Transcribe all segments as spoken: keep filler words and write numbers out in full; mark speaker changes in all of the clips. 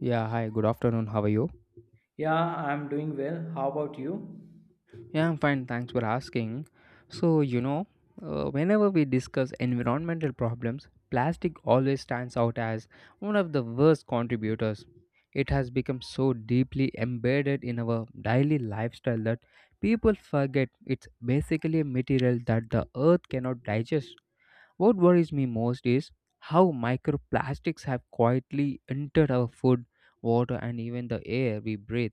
Speaker 1: Yeah, hi, good afternoon. How are you?
Speaker 2: Yeah, I'm doing well. How about you?
Speaker 1: Yeah, I'm fine. Thanks for asking. So, you know, uh, Whenever we discuss environmental problems, plastic always stands out as one of the worst contributors. It has become so deeply embedded in our daily lifestyle that people forget it's basically a material that the earth cannot digest. What worries me most is how microplastics have quietly entered our food, water, and even the air we breathe.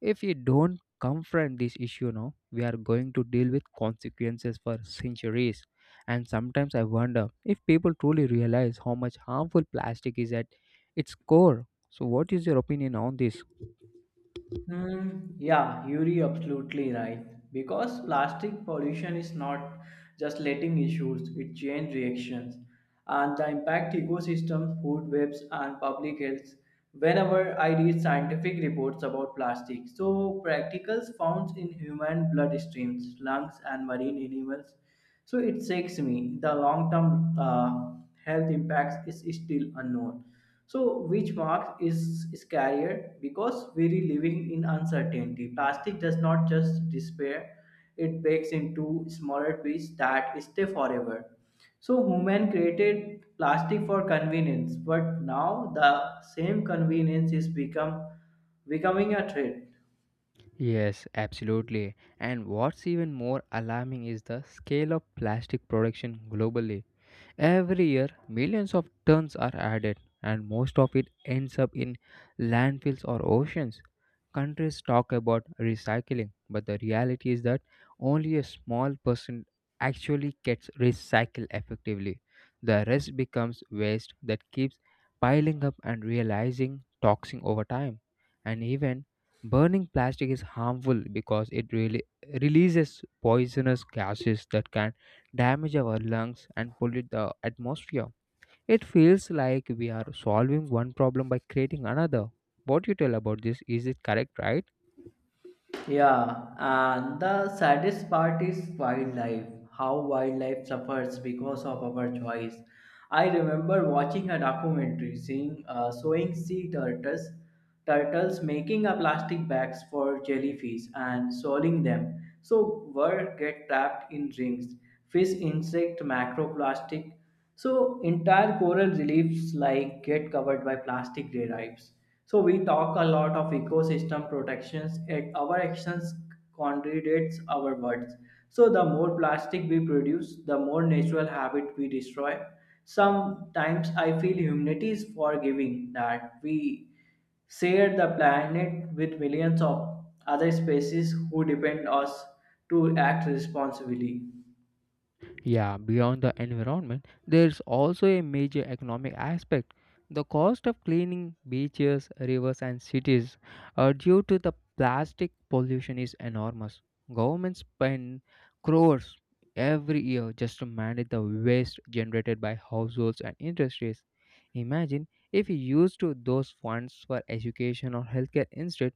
Speaker 1: If we don't confront this issue now, we are going to deal with consequences for centuries. And sometimes I wonder if people truly realize how much harmful plastic is at its core. So, what is your opinion on this?
Speaker 2: Hmm, yeah, you're absolutely right. Because plastic pollution is not just letting issues, it chain reactions and the impact ecosystems, food webs and public health. Whenever I read scientific reports about plastic, so practicals found in human bloodstreams, lungs and marine animals, so it shakes me. The long term uh, health impacts is still unknown. So which mark is scarier because we're living in uncertainty. Plastic does not just disappear; it breaks into smaller pieces that stay forever. So human created plastic for convenience, but now the same convenience is become becoming a threat.
Speaker 1: Yes, absolutely. And what's even more alarming is the scale of plastic production globally. Every year, millions of tons are added, and most of it ends up in landfills or oceans. Countries talk about recycling, but the reality is that only a small percent actually gets recycled effectively. The rest becomes waste that keeps piling up and realizing toxic over time. And even burning plastic is harmful because it really releases poisonous gases that can damage our lungs and pollute the atmosphere. It feels like we are solving one problem by creating another. What you tell about this, is it correct, right?
Speaker 2: Yeah, and the saddest part is wildlife, how wildlife suffers because of our choice. I remember watching a documentary seeing, uh, showing sea turtles, turtles making a plastic bags for jellyfish and swallowing them. So birds get trapped in rings, fish insect macroplastic. So entire coral reliefs like get covered by plastic derivatives. So we talk a lot of ecosystem protections, yet our actions contradicts our words. So the more plastic we produce, the more natural habit we destroy. Sometimes I feel humanity is forgiving that we share the planet with millions of other species who depend us to act responsibly.
Speaker 1: Yeah, beyond the environment, there's also a major economic aspect. The cost of cleaning beaches, rivers, and cities uh, due to the plastic pollution is enormous. Governments spend crores every year just to manage the waste generated by households and industries. Imagine if we used to those funds for education or healthcare instead,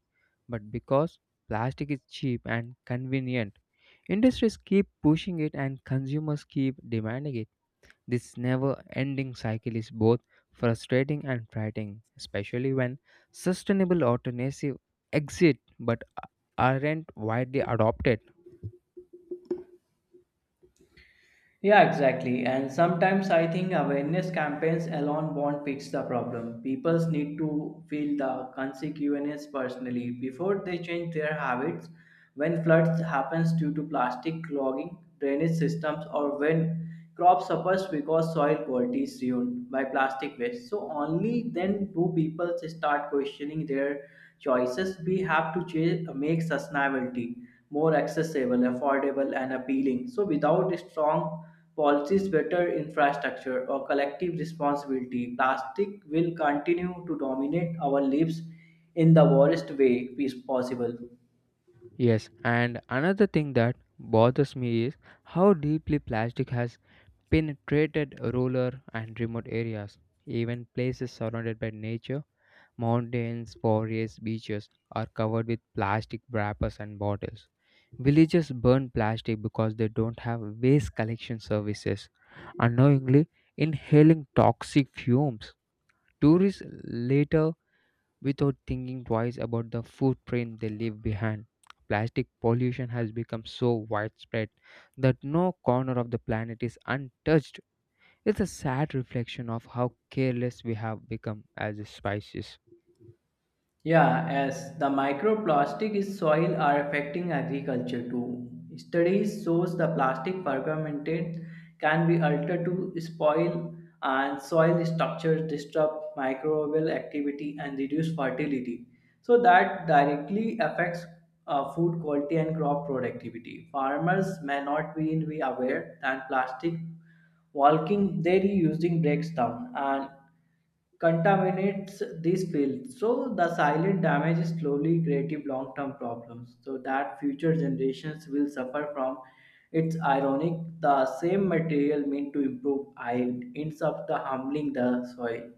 Speaker 1: but because plastic is cheap and convenient, industries keep pushing it and consumers keep demanding it. This never ending cycle is both frustrating and frightening, especially when sustainable alternatives exist but aren't widely adopted.
Speaker 2: Yeah, exactly. And sometimes I think awareness campaigns alone won't fix the problem. People need to feel the consequences personally before they change their habits. When floods happens due to plastic clogging, drainage systems, or when crop suffers because soil quality is ruined by plastic waste. So only then do people start questioning their choices. We have to change, make sustainability more accessible, affordable, and appealing. So without strong policies, better infrastructure, or collective responsibility, plastic will continue to dominate our lives in the worst way possible.
Speaker 1: Yes, and another thing that bothers me is how deeply plastic has penetrated rural and remote areas, even places surrounded by nature. Mountains, forests, beaches are covered with plastic wrappers and bottles. Villages burn plastic because they don't have waste collection services, unknowingly inhaling toxic fumes. Tourists later, without thinking twice about the footprint they leave behind. Plastic pollution has become so widespread that no corner of the planet is untouched. It's a sad reflection of how careless we have become as a species.
Speaker 2: Yeah, as the microplastic in soil are affecting agriculture too. Studies shows the plastic fragmented can be altered to spoil and soil structures disrupt microbial activity and reduce fertility. So that directly affects uh, food quality and crop productivity. Farmers may not be, be aware that plastic walking they're using breaks down and contaminates these fields. So the silent damage is slowly creative long-term problems. So that future generations will suffer from. It's ironic the same material meant to improve yield ends up the humbling the soil.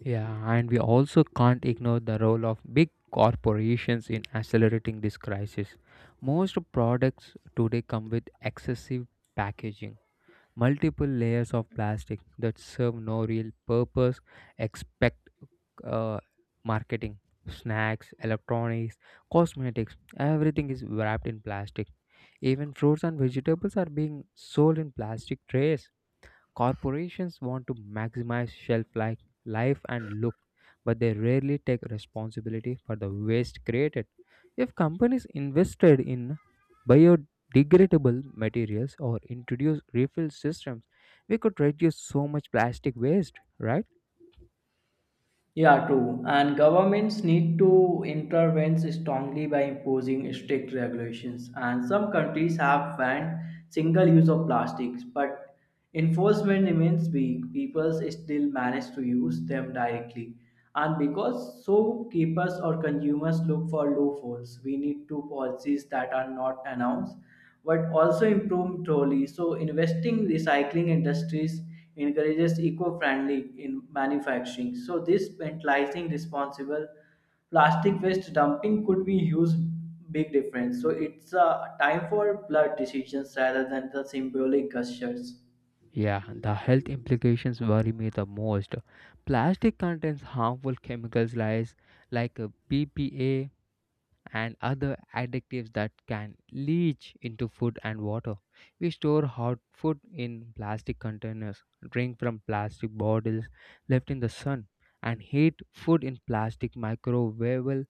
Speaker 1: Yeah, and we also can't ignore the role of big corporations in accelerating this crisis. Most products today come with excessive packaging, multiple layers of plastic that serve no real purpose, expect uh, marketing, snacks, electronics, cosmetics, everything is wrapped in plastic. Even fruits and vegetables are being sold in plastic trays. Corporations want to maximize shelf life, life and look, but they rarely take responsibility for the waste created. If companies invested in biodegradable materials or introduced refill systems, we could reduce so much plastic waste, right?
Speaker 2: Yeah, true. And governments need to intervene strongly by imposing strict regulations. And some countries have banned single use of plastics, but enforcement remains weak. People still manage to use them directly. And because shopkeepers or consumers look for loopholes, we need to policies that are not announced but also improve trolley. So investing recycling industries encourages eco-friendly in manufacturing. So this penalizing responsible plastic waste dumping could be huge big difference. So it's a time for blood decisions rather than the symbolic gestures.
Speaker 1: Yeah, the health implications worry me the most. Plastic contains harmful chemicals like, like uh, B P A and other additives that can leach into food and water. We store hot food in plastic containers, drink from plastic bottles left in the sun, and heat food in plastic microwavable,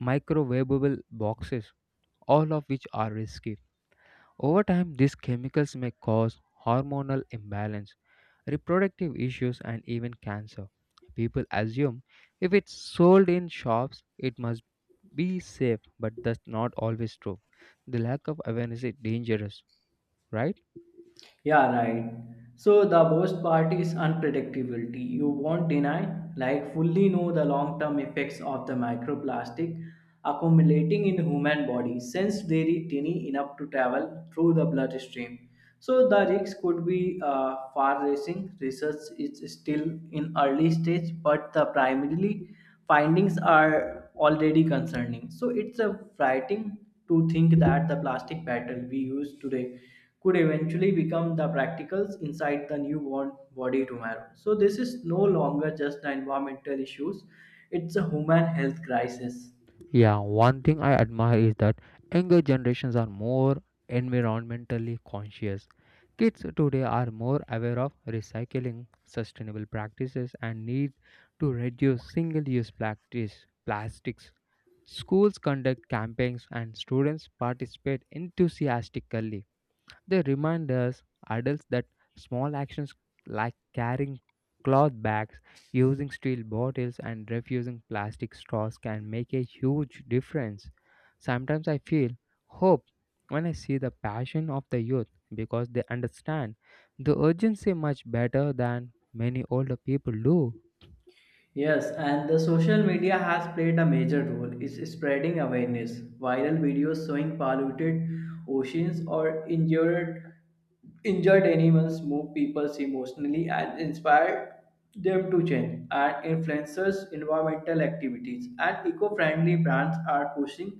Speaker 1: microwavable boxes, all of which are risky. Over time, these chemicals may cause hormonal imbalance, reproductive issues, and even cancer. People assume if it's sold in shops, it must be safe, but that's not always true. The lack of awareness is dangerous, right?
Speaker 2: Yeah, right. So the worst part is unpredictability. You won't deny, like fully know the long-term effects of the microplastic accumulating in human body since they are tiny enough to travel through the bloodstream. So the risks could be uh, far-reaching. Research is still in early stage, but the primarily findings are already concerning. So it's a frightening to think that the plastic bottle we use today could eventually become the practicals inside the newborn body tomorrow. So this is no longer just the environmental issues, it's a human health crisis.
Speaker 1: Yeah, one thing I admire is that younger generations are more environmentally conscious. Kids today are more aware of recycling, sustainable practices, and need to reduce single use plastics. plastics. Schools conduct campaigns and students participate enthusiastically. They remind us adults that small actions like carrying cloth bags, using steel bottles, and refusing plastic straws can make a huge difference. Sometimes I feel hope when I see the passion of the youth because they understand the urgency much better than many older people do.
Speaker 2: Yes, and the social media has played a major role. It's spreading awareness. Viral videos showing polluted oceans or injured injured animals move people emotionally and inspire them to change. And influencers, environmental activities, and eco-friendly brands are pushing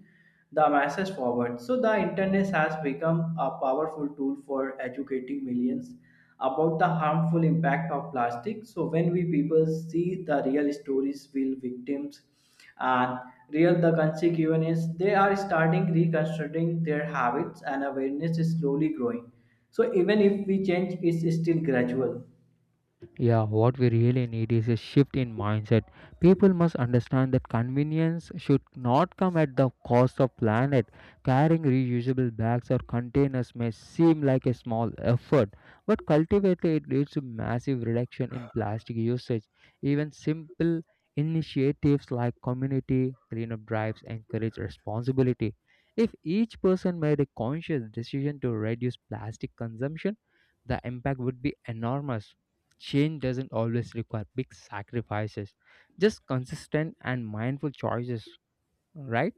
Speaker 2: the masses forward. So the internet has become a powerful tool for educating millions about the harmful impact of plastic. So when we people see the real stories, real victims, and real the consequences, they are starting reconstructing their habits, and awareness is slowly growing. So even if we change, it's still gradual.
Speaker 1: Yeah, what we really need is a shift in mindset. People must understand that convenience should not come at the cost of planet. Carrying reusable bags or containers may seem like a small effort, but cultivated it leads to massive reduction in plastic usage. Even simple initiatives like community cleanup drives encourage responsibility. If each person made a conscious decision to reduce plastic consumption, the impact would be enormous. Change doesn't always require big sacrifices, just consistent and mindful choices, right?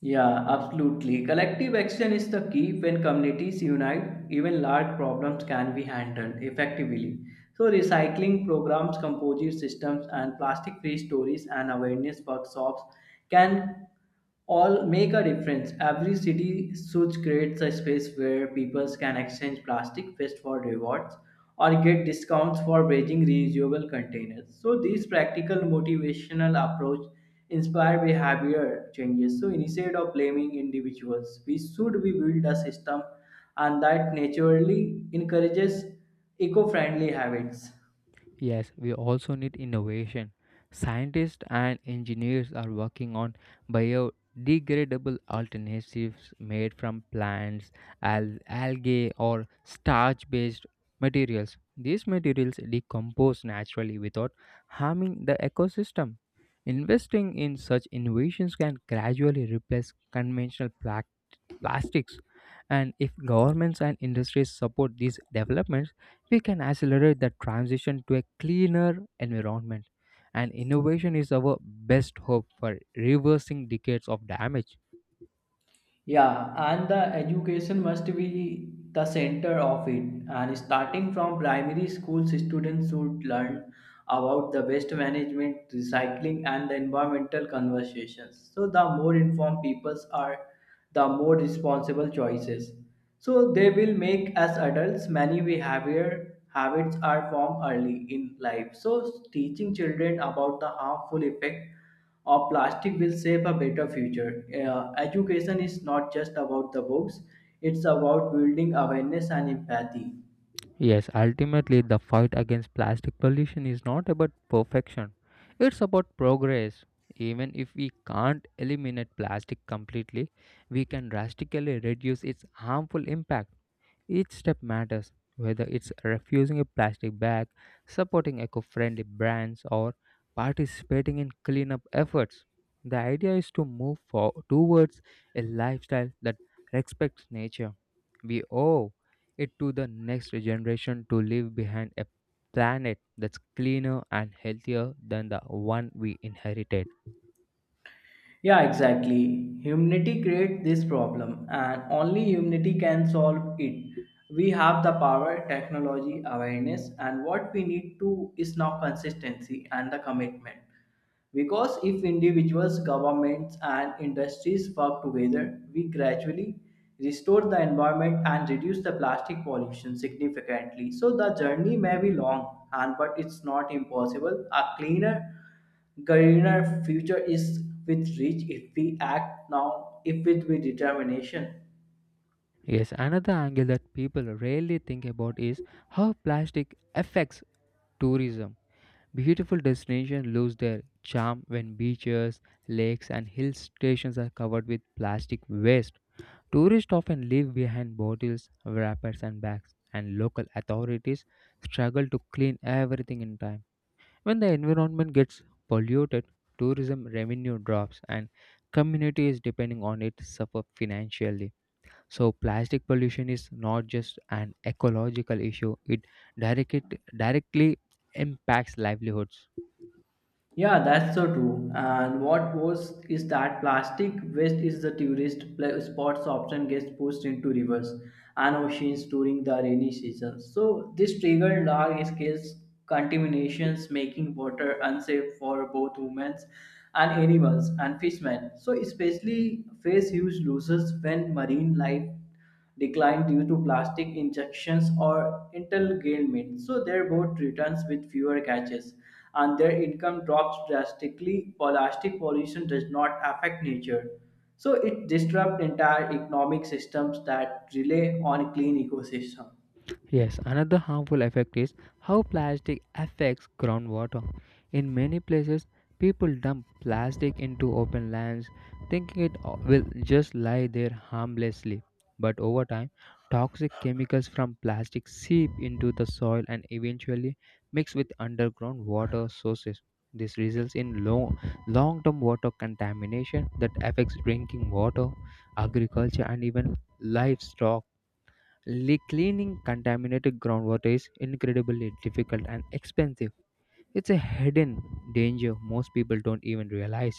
Speaker 2: Yeah, absolutely. Collective action is the key. When communities unite, even large problems can be handled effectively. So, recycling programs, composite systems, and plastic free stories and awareness workshops can all make a difference. Every city should create a space where people can exchange plastic waste for rewards or get discounts for bringing reusable containers. So, this practical motivational approach inspire behavior changes. So instead of blaming individuals, we should be build a system and that naturally encourages eco-friendly habits.
Speaker 1: Yes, we also need innovation. Scientists and engineers are working on biodegradable alternatives made from plants, al- algae, or starch based materials. These materials decompose naturally without harming the ecosystem. Investing in such innovations can gradually replace conventional pla- plastics. And if governments and industries support these developments, we can accelerate the transition to a cleaner environment. And innovation is our best hope for reversing decades of damage.
Speaker 2: Yeah, and the education must be the center of it. And starting from primary schools, students should learn about the waste management, recycling, and the environmental conversations. So, the more informed peoples are, the more responsible choices. So, they will make as adults many behavior habits are formed early in life. So, teaching children about the harmful effect or plastic will save a better future. Uh, education is not just about the books, it's about building awareness and empathy.
Speaker 1: Yes, ultimately, the fight against plastic pollution is not about perfection, it's about progress. Even if we can't eliminate plastic completely, we can drastically reduce its harmful impact. Each step matters, whether it's refusing a plastic bag, supporting eco friendly brands, or participating in cleanup efforts. The idea is to move for, towards a lifestyle that respects nature. We owe it to the next generation to leave behind a planet that's cleaner and healthier than the one we inherited.
Speaker 2: Yeah, exactly. Humanity creates this problem, and only humanity can solve it. We have the power, technology, awareness, and what we need to is now consistency and the commitment. Because if individuals, governments, and industries work together, we gradually restore the environment and reduce the plastic pollution significantly. So the journey may be long, and but it's not impossible. A cleaner Gariner future is with reach if we act now if with with determination.
Speaker 1: Yes, another angle that people rarely think about is how plastic affects tourism. Beautiful destinations lose their charm when beaches, lakes, and hill stations are covered with plastic waste. Tourists often leave behind bottles, wrappers, and bags, and local authorities struggle to clean everything in time. When the environment gets polluted, tourism revenue drops, and communities depending on it suffer financially. So, plastic pollution is not just an ecological issue; it direct, directly impacts livelihoods.
Speaker 2: Yeah, that's so true. And what was is that plastic waste is the tourist pla- spots often gets pushed into rivers and oceans during the rainy season. So this triggered large scale contaminations, making water unsafe for both humans and animals and fishermen. So especially face huge losses when marine life declined due to plastic injections or entanglement. So their boat returns with fewer catches and their income drops drastically. Plastic pollution does not affect nature. So it disrupts entire economic systems that rely on clean ecosystem.
Speaker 1: Yes, another harmful effect is how plastic affects groundwater. In many places, people dump plastic into open lands thinking it o- will just lie there harmlessly. But over time, toxic chemicals from plastic seep into the soil and eventually mix with underground water sources. This results in long term water contamination that affects drinking water, agriculture, and even livestock. Le- Cleaning contaminated groundwater is incredibly difficult and expensive. It's a hidden danger most people don't even realize.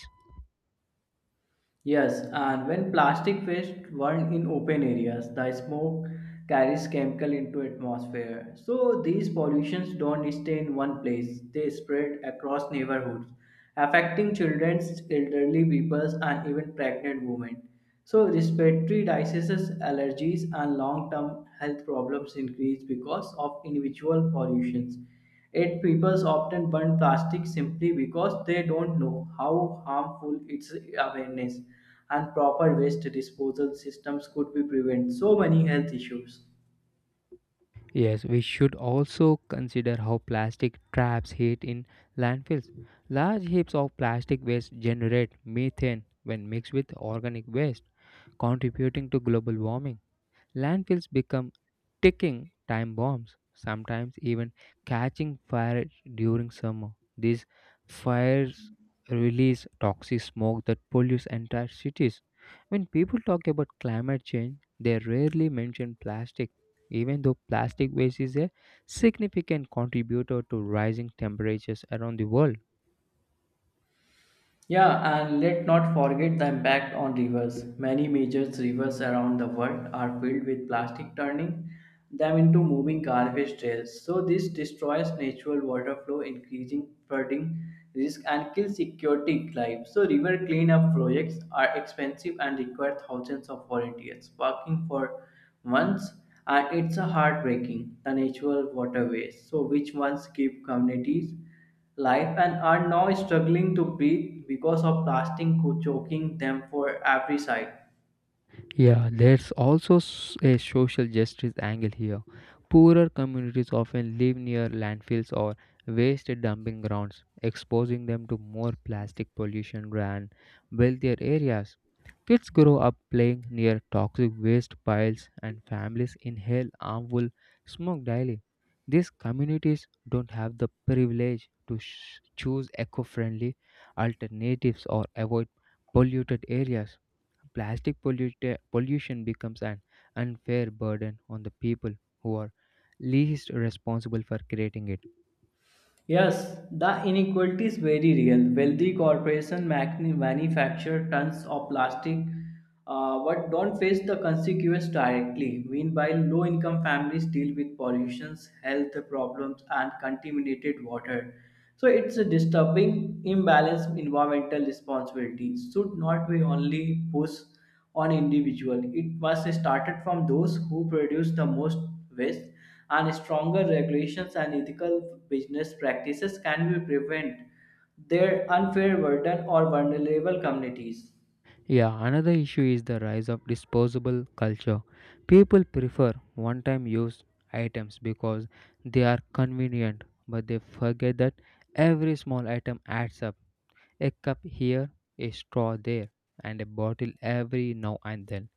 Speaker 2: Yes, and when plastic waste burn in open areas, the smoke carries chemical into atmosphere. So these pollutions don't stay in one place; they spread across neighborhoods, affecting children, elderly peoples, and even pregnant women. So respiratory diseases, allergies, and long-term health problems increase because of individual pollutions. Yet people often burn plastic simply because they don't know how harmful its awareness and proper waste disposal systems could be prevent so many health issues.
Speaker 1: Yes, we should also consider how plastic traps heat in landfills. Large heaps of plastic waste generate methane when mixed with organic waste, contributing to global warming. Landfills become ticking time bombs, sometimes even catching fire during summer. These fires release toxic smoke that pollutes entire cities. When people talk about climate change, they rarely mention plastic, even though plastic waste is a significant contributor to rising temperatures around the world.
Speaker 2: Yeah, and let not forget the impact on rivers. Many major rivers around the world are filled with plastic, turning them into moving garbage trails. So, this destroys natural water flow, increasing flooding risk, and kills aquatic life. So, river cleanup projects are expensive and require thousands of volunteers working for months, and it's a heartbreaking. The natural waterways, so which once keep communities life and are now struggling to breathe because of plastic choking them for every side.
Speaker 1: Yeah, there's also s- a social justice angle here. Poorer communities often live near landfills or waste dumping grounds, exposing them to more plastic pollution than wealthier areas. Kids grow up playing near toxic waste piles, and families inhale harmful smoke daily. These communities don't have the privilege to sh- choose eco friendly alternatives or avoid polluted areas. Plastic polluta- pollution becomes an unfair burden on the people who are least responsible for creating it.
Speaker 2: Yes, the inequality is very real. Wealthy corporation machni- manufacture tons of plastic uh, but don't face the consequences directly. Meanwhile, low income families deal with pollutions, health problems, and contaminated water. So it's a disturbing imbalance. Environmental responsibility should not be only push on individual. It was started from those who produce the most waste and stronger regulations and ethical business practices can be prevent their unfair burden or vulnerable communities.
Speaker 1: Yeah, another issue is the rise of disposable culture. People prefer one time use items because they are convenient, but they forget that every small item adds up. A cup here, a straw there, and a bottle every now and then.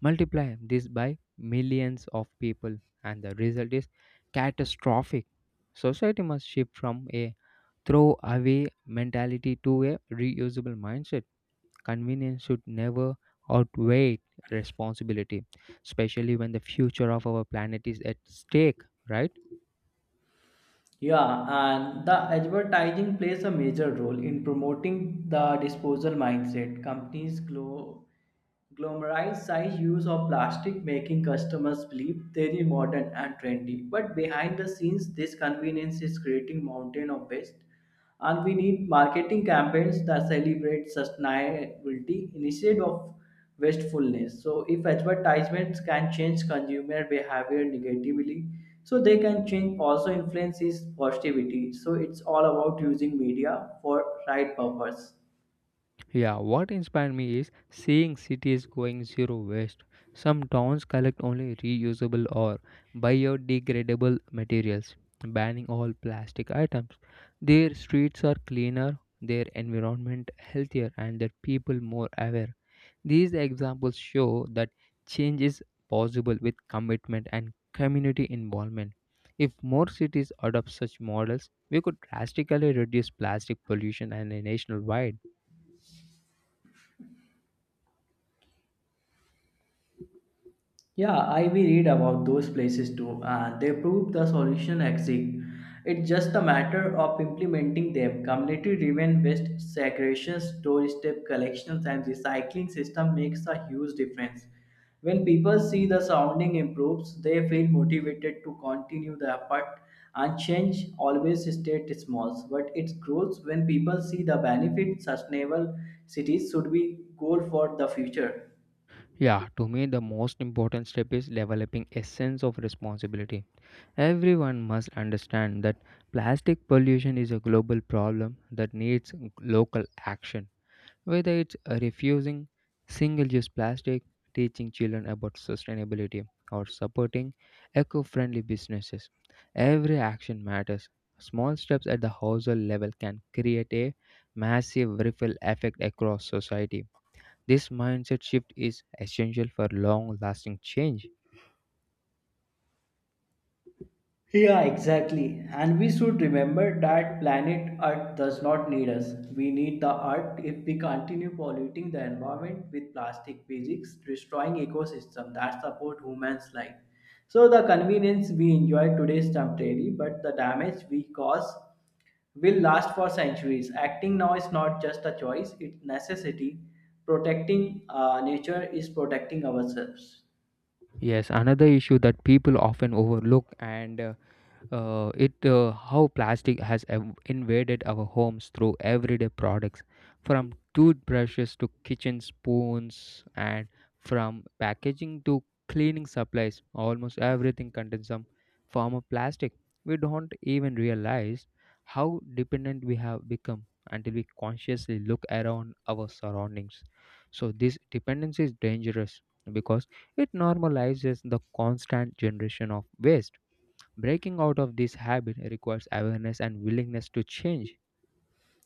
Speaker 1: Multiply this by millions of people, and the result is catastrophic. Society must shift from a throwaway mentality to a reusable mindset. Convenience should never outweigh responsibility, especially when the future of our planet is at stake, right?
Speaker 2: Yeah, and the advertising plays a major role in promoting the disposal mindset. Companies grow glamorized use of plastic making customers believe they're modern and trendy. But behind the scenes, this convenience is creating mountain of waste. And we need marketing campaigns that celebrate sustainability instead of wastefulness. So if advertisements can change consumer behavior negatively, so they can change also influence is positivity. So it's all about using media for right purpose.
Speaker 1: Yeah, what inspired me is seeing cities going zero waste. Some towns collect only reusable or biodegradable materials, banning all plastic items. Their streets are cleaner, their environment healthier, and their people more aware. These examples show that change is possible with commitment and community involvement. If more cities adopt such models, we could drastically reduce plastic pollution and a nationwide.
Speaker 2: Yeah, I we read about those places too, and they prove the solution exists. It's just a matter of implementing them. Community-driven waste segregation, storage step collections, and recycling system makes a huge difference. When people see the surrounding improves, they feel motivated to continue the effort. And change always stays small, but it grows when people see the benefit. Sustainable cities should be goal for the future.
Speaker 1: Yeah, to me, the most important step is developing a sense of responsibility. Everyone must understand that plastic pollution is a global problem that needs local action. Whether it's refusing single use plastic, teaching children about sustainability, or supporting eco friendly businesses, every action matters. Small steps at the household level can create a massive ripple effect across society. This mindset shift is essential for long lasting change.
Speaker 2: Yeah, exactly. And we should remember that planet Earth does not need us. We need the Earth if we continue polluting the environment with plastic physics, destroying ecosystem that support humans' life. So the convenience we enjoy today is temporary, but the damage we cause will last for centuries. Acting now is not just a choice, it's necessity. Protecting uh, nature is protecting ourselves.
Speaker 1: Yes, another issue that people often overlook and uh, uh, it uh, how plastic has ev- invaded our homes through everyday products, from toothbrushes to kitchen spoons and from packaging to cleaning supplies. Almost everything contains some form of plastic. We don't even realize how dependent we have become until we consciously look around our surroundings, so this dependency is dangerous because it normalizes the constant generation of waste. Breaking out of this habit requires awareness and willingness to change.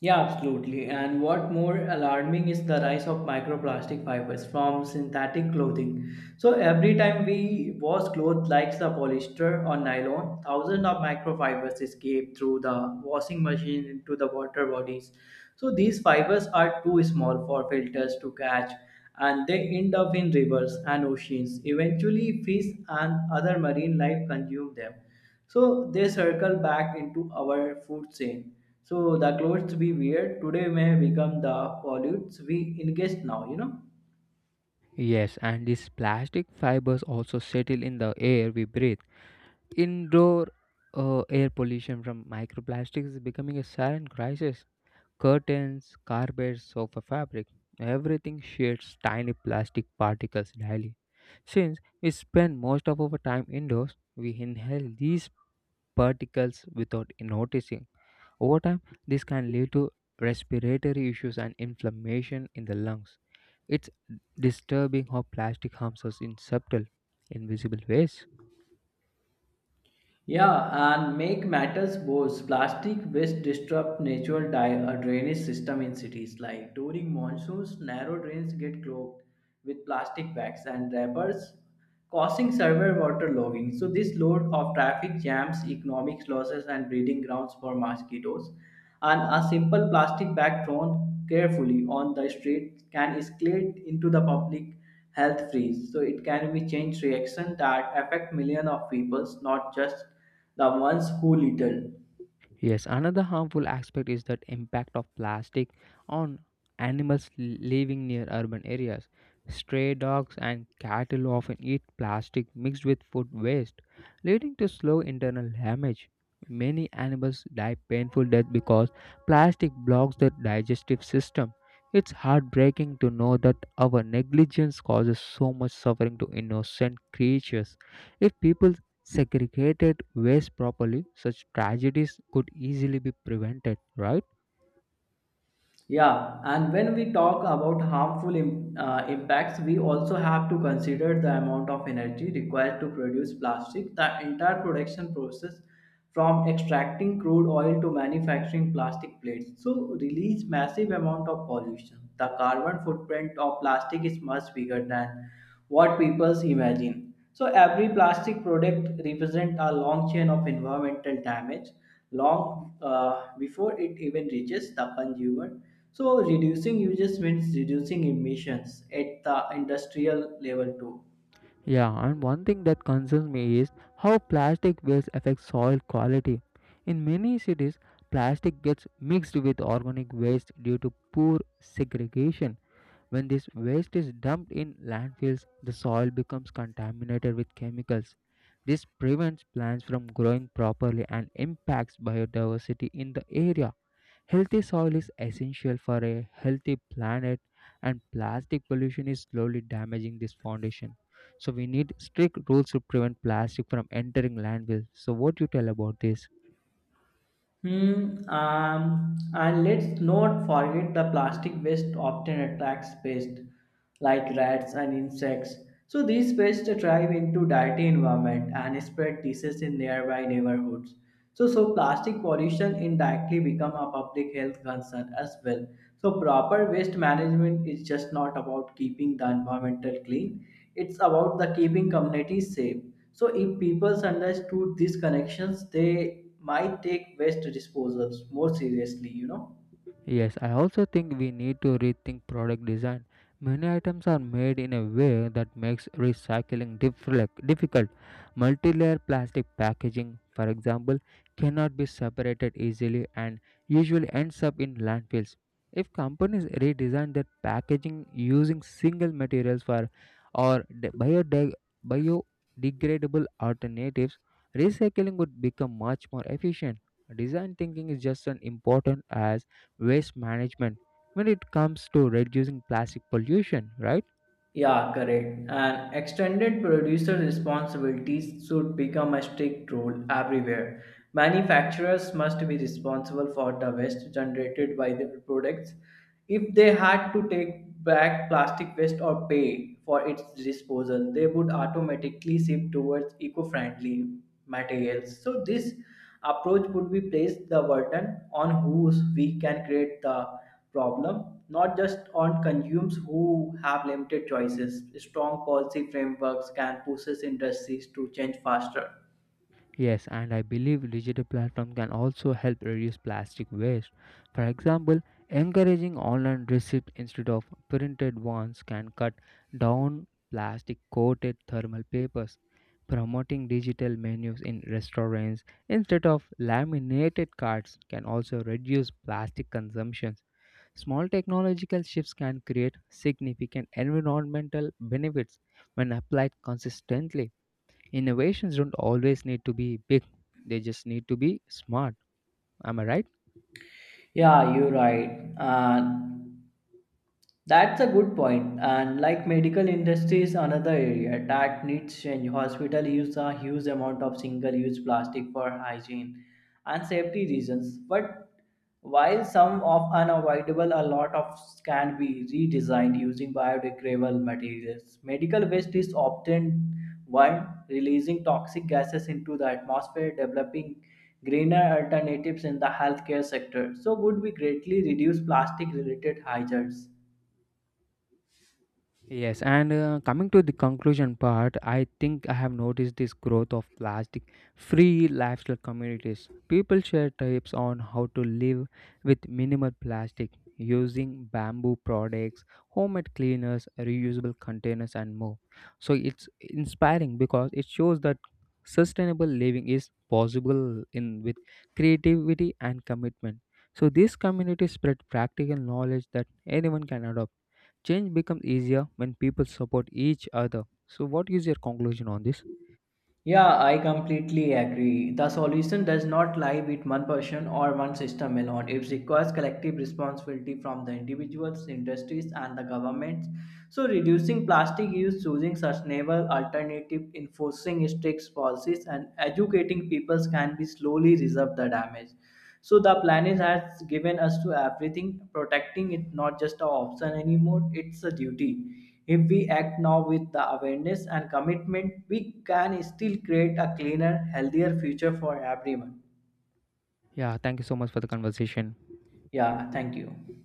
Speaker 2: Yeah, absolutely. And what more alarming is the rise of microplastic fibers from synthetic clothing. So every time we wash clothes like the polyester or nylon, thousands of microfibers escape through the washing machine into the water bodies. So these fibers are too small for filters to catch and they end up in rivers and oceans. Eventually, fish and other marine life consume them. So they circle back into our food chain. So the clothes we wear today may become the pollutes we ingest now, you know.
Speaker 1: Yes, and these plastic fibers also settle in the air we breathe. Indoor uh, air pollution from microplastics is becoming a silent crisis. Curtains, carpets, sofa fabric, everything sheds tiny plastic particles daily. Since we spend most of our time indoors, we inhale these particles without noticing. Over time, this can lead to respiratory issues and inflammation in the lungs. It's disturbing how plastic harms us in subtle, invisible ways.
Speaker 2: Yeah, and make matters worse. Plastic waste disrupt natural di- uh, drainage system in cities. Like during monsoons, narrow drains get clogged with plastic bags and wrappers causing severe waterlogging. So this load of traffic jams, economic losses, and breeding grounds for mosquitoes. And a simple plastic bag thrown carefully on the street can escalate into the public health freeze. So it can be change reaction that affect millions of people, not just the ones who little.
Speaker 1: Yes, another harmful aspect is that impact of plastic on animals li- living near urban areas. Stray dogs and cattle often eat plastic mixed with food waste, leading to slow internal damage. Many animals die painful death because plastic blocks the digestive system. It's heartbreaking to know that our negligence causes so much suffering to innocent creatures. If people segregated waste properly, such tragedies could easily be prevented, right?
Speaker 2: Yeah, and when we talk about harmful im- uh, impacts, we also have to consider the amount of energy required to produce plastic. The entire production process from extracting crude oil to manufacturing plastic plates so release massive amount of pollution the carbon footprint of plastic is much bigger than what people imagine. So every plastic product represents a long chain of environmental damage long uh, before it even reaches the consumer. So reducing uses means reducing emissions at the industrial level too.
Speaker 1: Yeah, and one thing that concerns me is how plastic waste affects soil quality. In many cities, plastic gets mixed with organic waste due to poor segregation. When this waste is dumped in landfills, the soil becomes contaminated with chemicals. This prevents plants from growing properly and impacts biodiversity in the area. Healthy soil is essential for a healthy planet, and plastic pollution is slowly damaging this foundation. So, we need strict rules to prevent plastic from entering landfills. So, what do you tell about this?
Speaker 2: Hmm. Um, and let's not forget the plastic waste often attracts pests like rats and insects. So these pests thrive into dirty environment and spread diseases in nearby neighborhoods. So, so plastic pollution indirectly become a public health concern as well. So proper waste management is just not about keeping the environmental clean. It's about the keeping communities safe. So if people understood these connections, they might take waste disposals more seriously, you know.
Speaker 1: Yes, I also think we need to rethink product design. Many items are made in a way that makes recycling difflec- difficult. Multi-layer plastic packaging, for example, cannot be separated easily and usually ends up in landfills. If companies redesign their packaging using single materials for or de- biodeg- biodegradable alternatives, recycling would become much more efficient. Design thinking is just as important as waste management when it comes to reducing plastic pollution, right?
Speaker 2: Yeah, correct. And extended producer responsibilities should become a strict rule everywhere. Manufacturers must be responsible for the waste generated by their products. If they had to take back plastic waste or pay for its disposal, they would automatically shift towards eco friendly materials. So, this approach would be placed the burden on whose we can create the problem, not just on consumers who have limited choices. Strong policy frameworks can push industries to change faster.
Speaker 1: Yes, and I believe digital platform can also help reduce plastic waste. For example, encouraging online receipts instead of printed ones can cut down plastic coated thermal papers. Promoting digital menus in restaurants instead of laminated cards can also reduce plastic consumption. Small technological shifts can create significant environmental benefits when applied consistently. Innovations don't always need to be big, they just need to be smart. Am I right?
Speaker 2: Yeah, you're right. And that's a good point. And like medical industry is another area that needs change. Hospital use a huge amount of single-use plastic for hygiene and safety reasons. But while some of unavoidable, a lot of can be redesigned using biodegradable materials. Medical waste is often one releasing toxic gases into the atmosphere, developing greener alternatives in the healthcare sector. So would we greatly reduce plastic-related hazards.
Speaker 1: Yes, and uh, coming to the conclusion part, I think I have noticed this growth of plastic free lifestyle communities. People share tips on how to live with minimal plastic using bamboo products, homemade cleaners, reusable containers, and more. So it's inspiring because it shows that sustainable living is possible in with creativity and commitment. So these communities spread practical knowledge that anyone can adopt. Change becomes easier when people support each other. So, what is your conclusion on this?
Speaker 2: Yeah, I completely agree. The solution does not lie with one person or one system alone. It requires collective responsibility from the individuals, industries, and the governments. So, reducing plastic use, choosing sustainable alternatives, enforcing strict policies, and educating peoples can be slowly resolve the damage. So the planet has given us to everything. Protecting it not just an option anymore; it's a duty. If we act now with the awareness and commitment, we can still create a cleaner, healthier future for everyone.
Speaker 1: Yeah, thank you so much for the conversation.
Speaker 2: Yeah, thank you.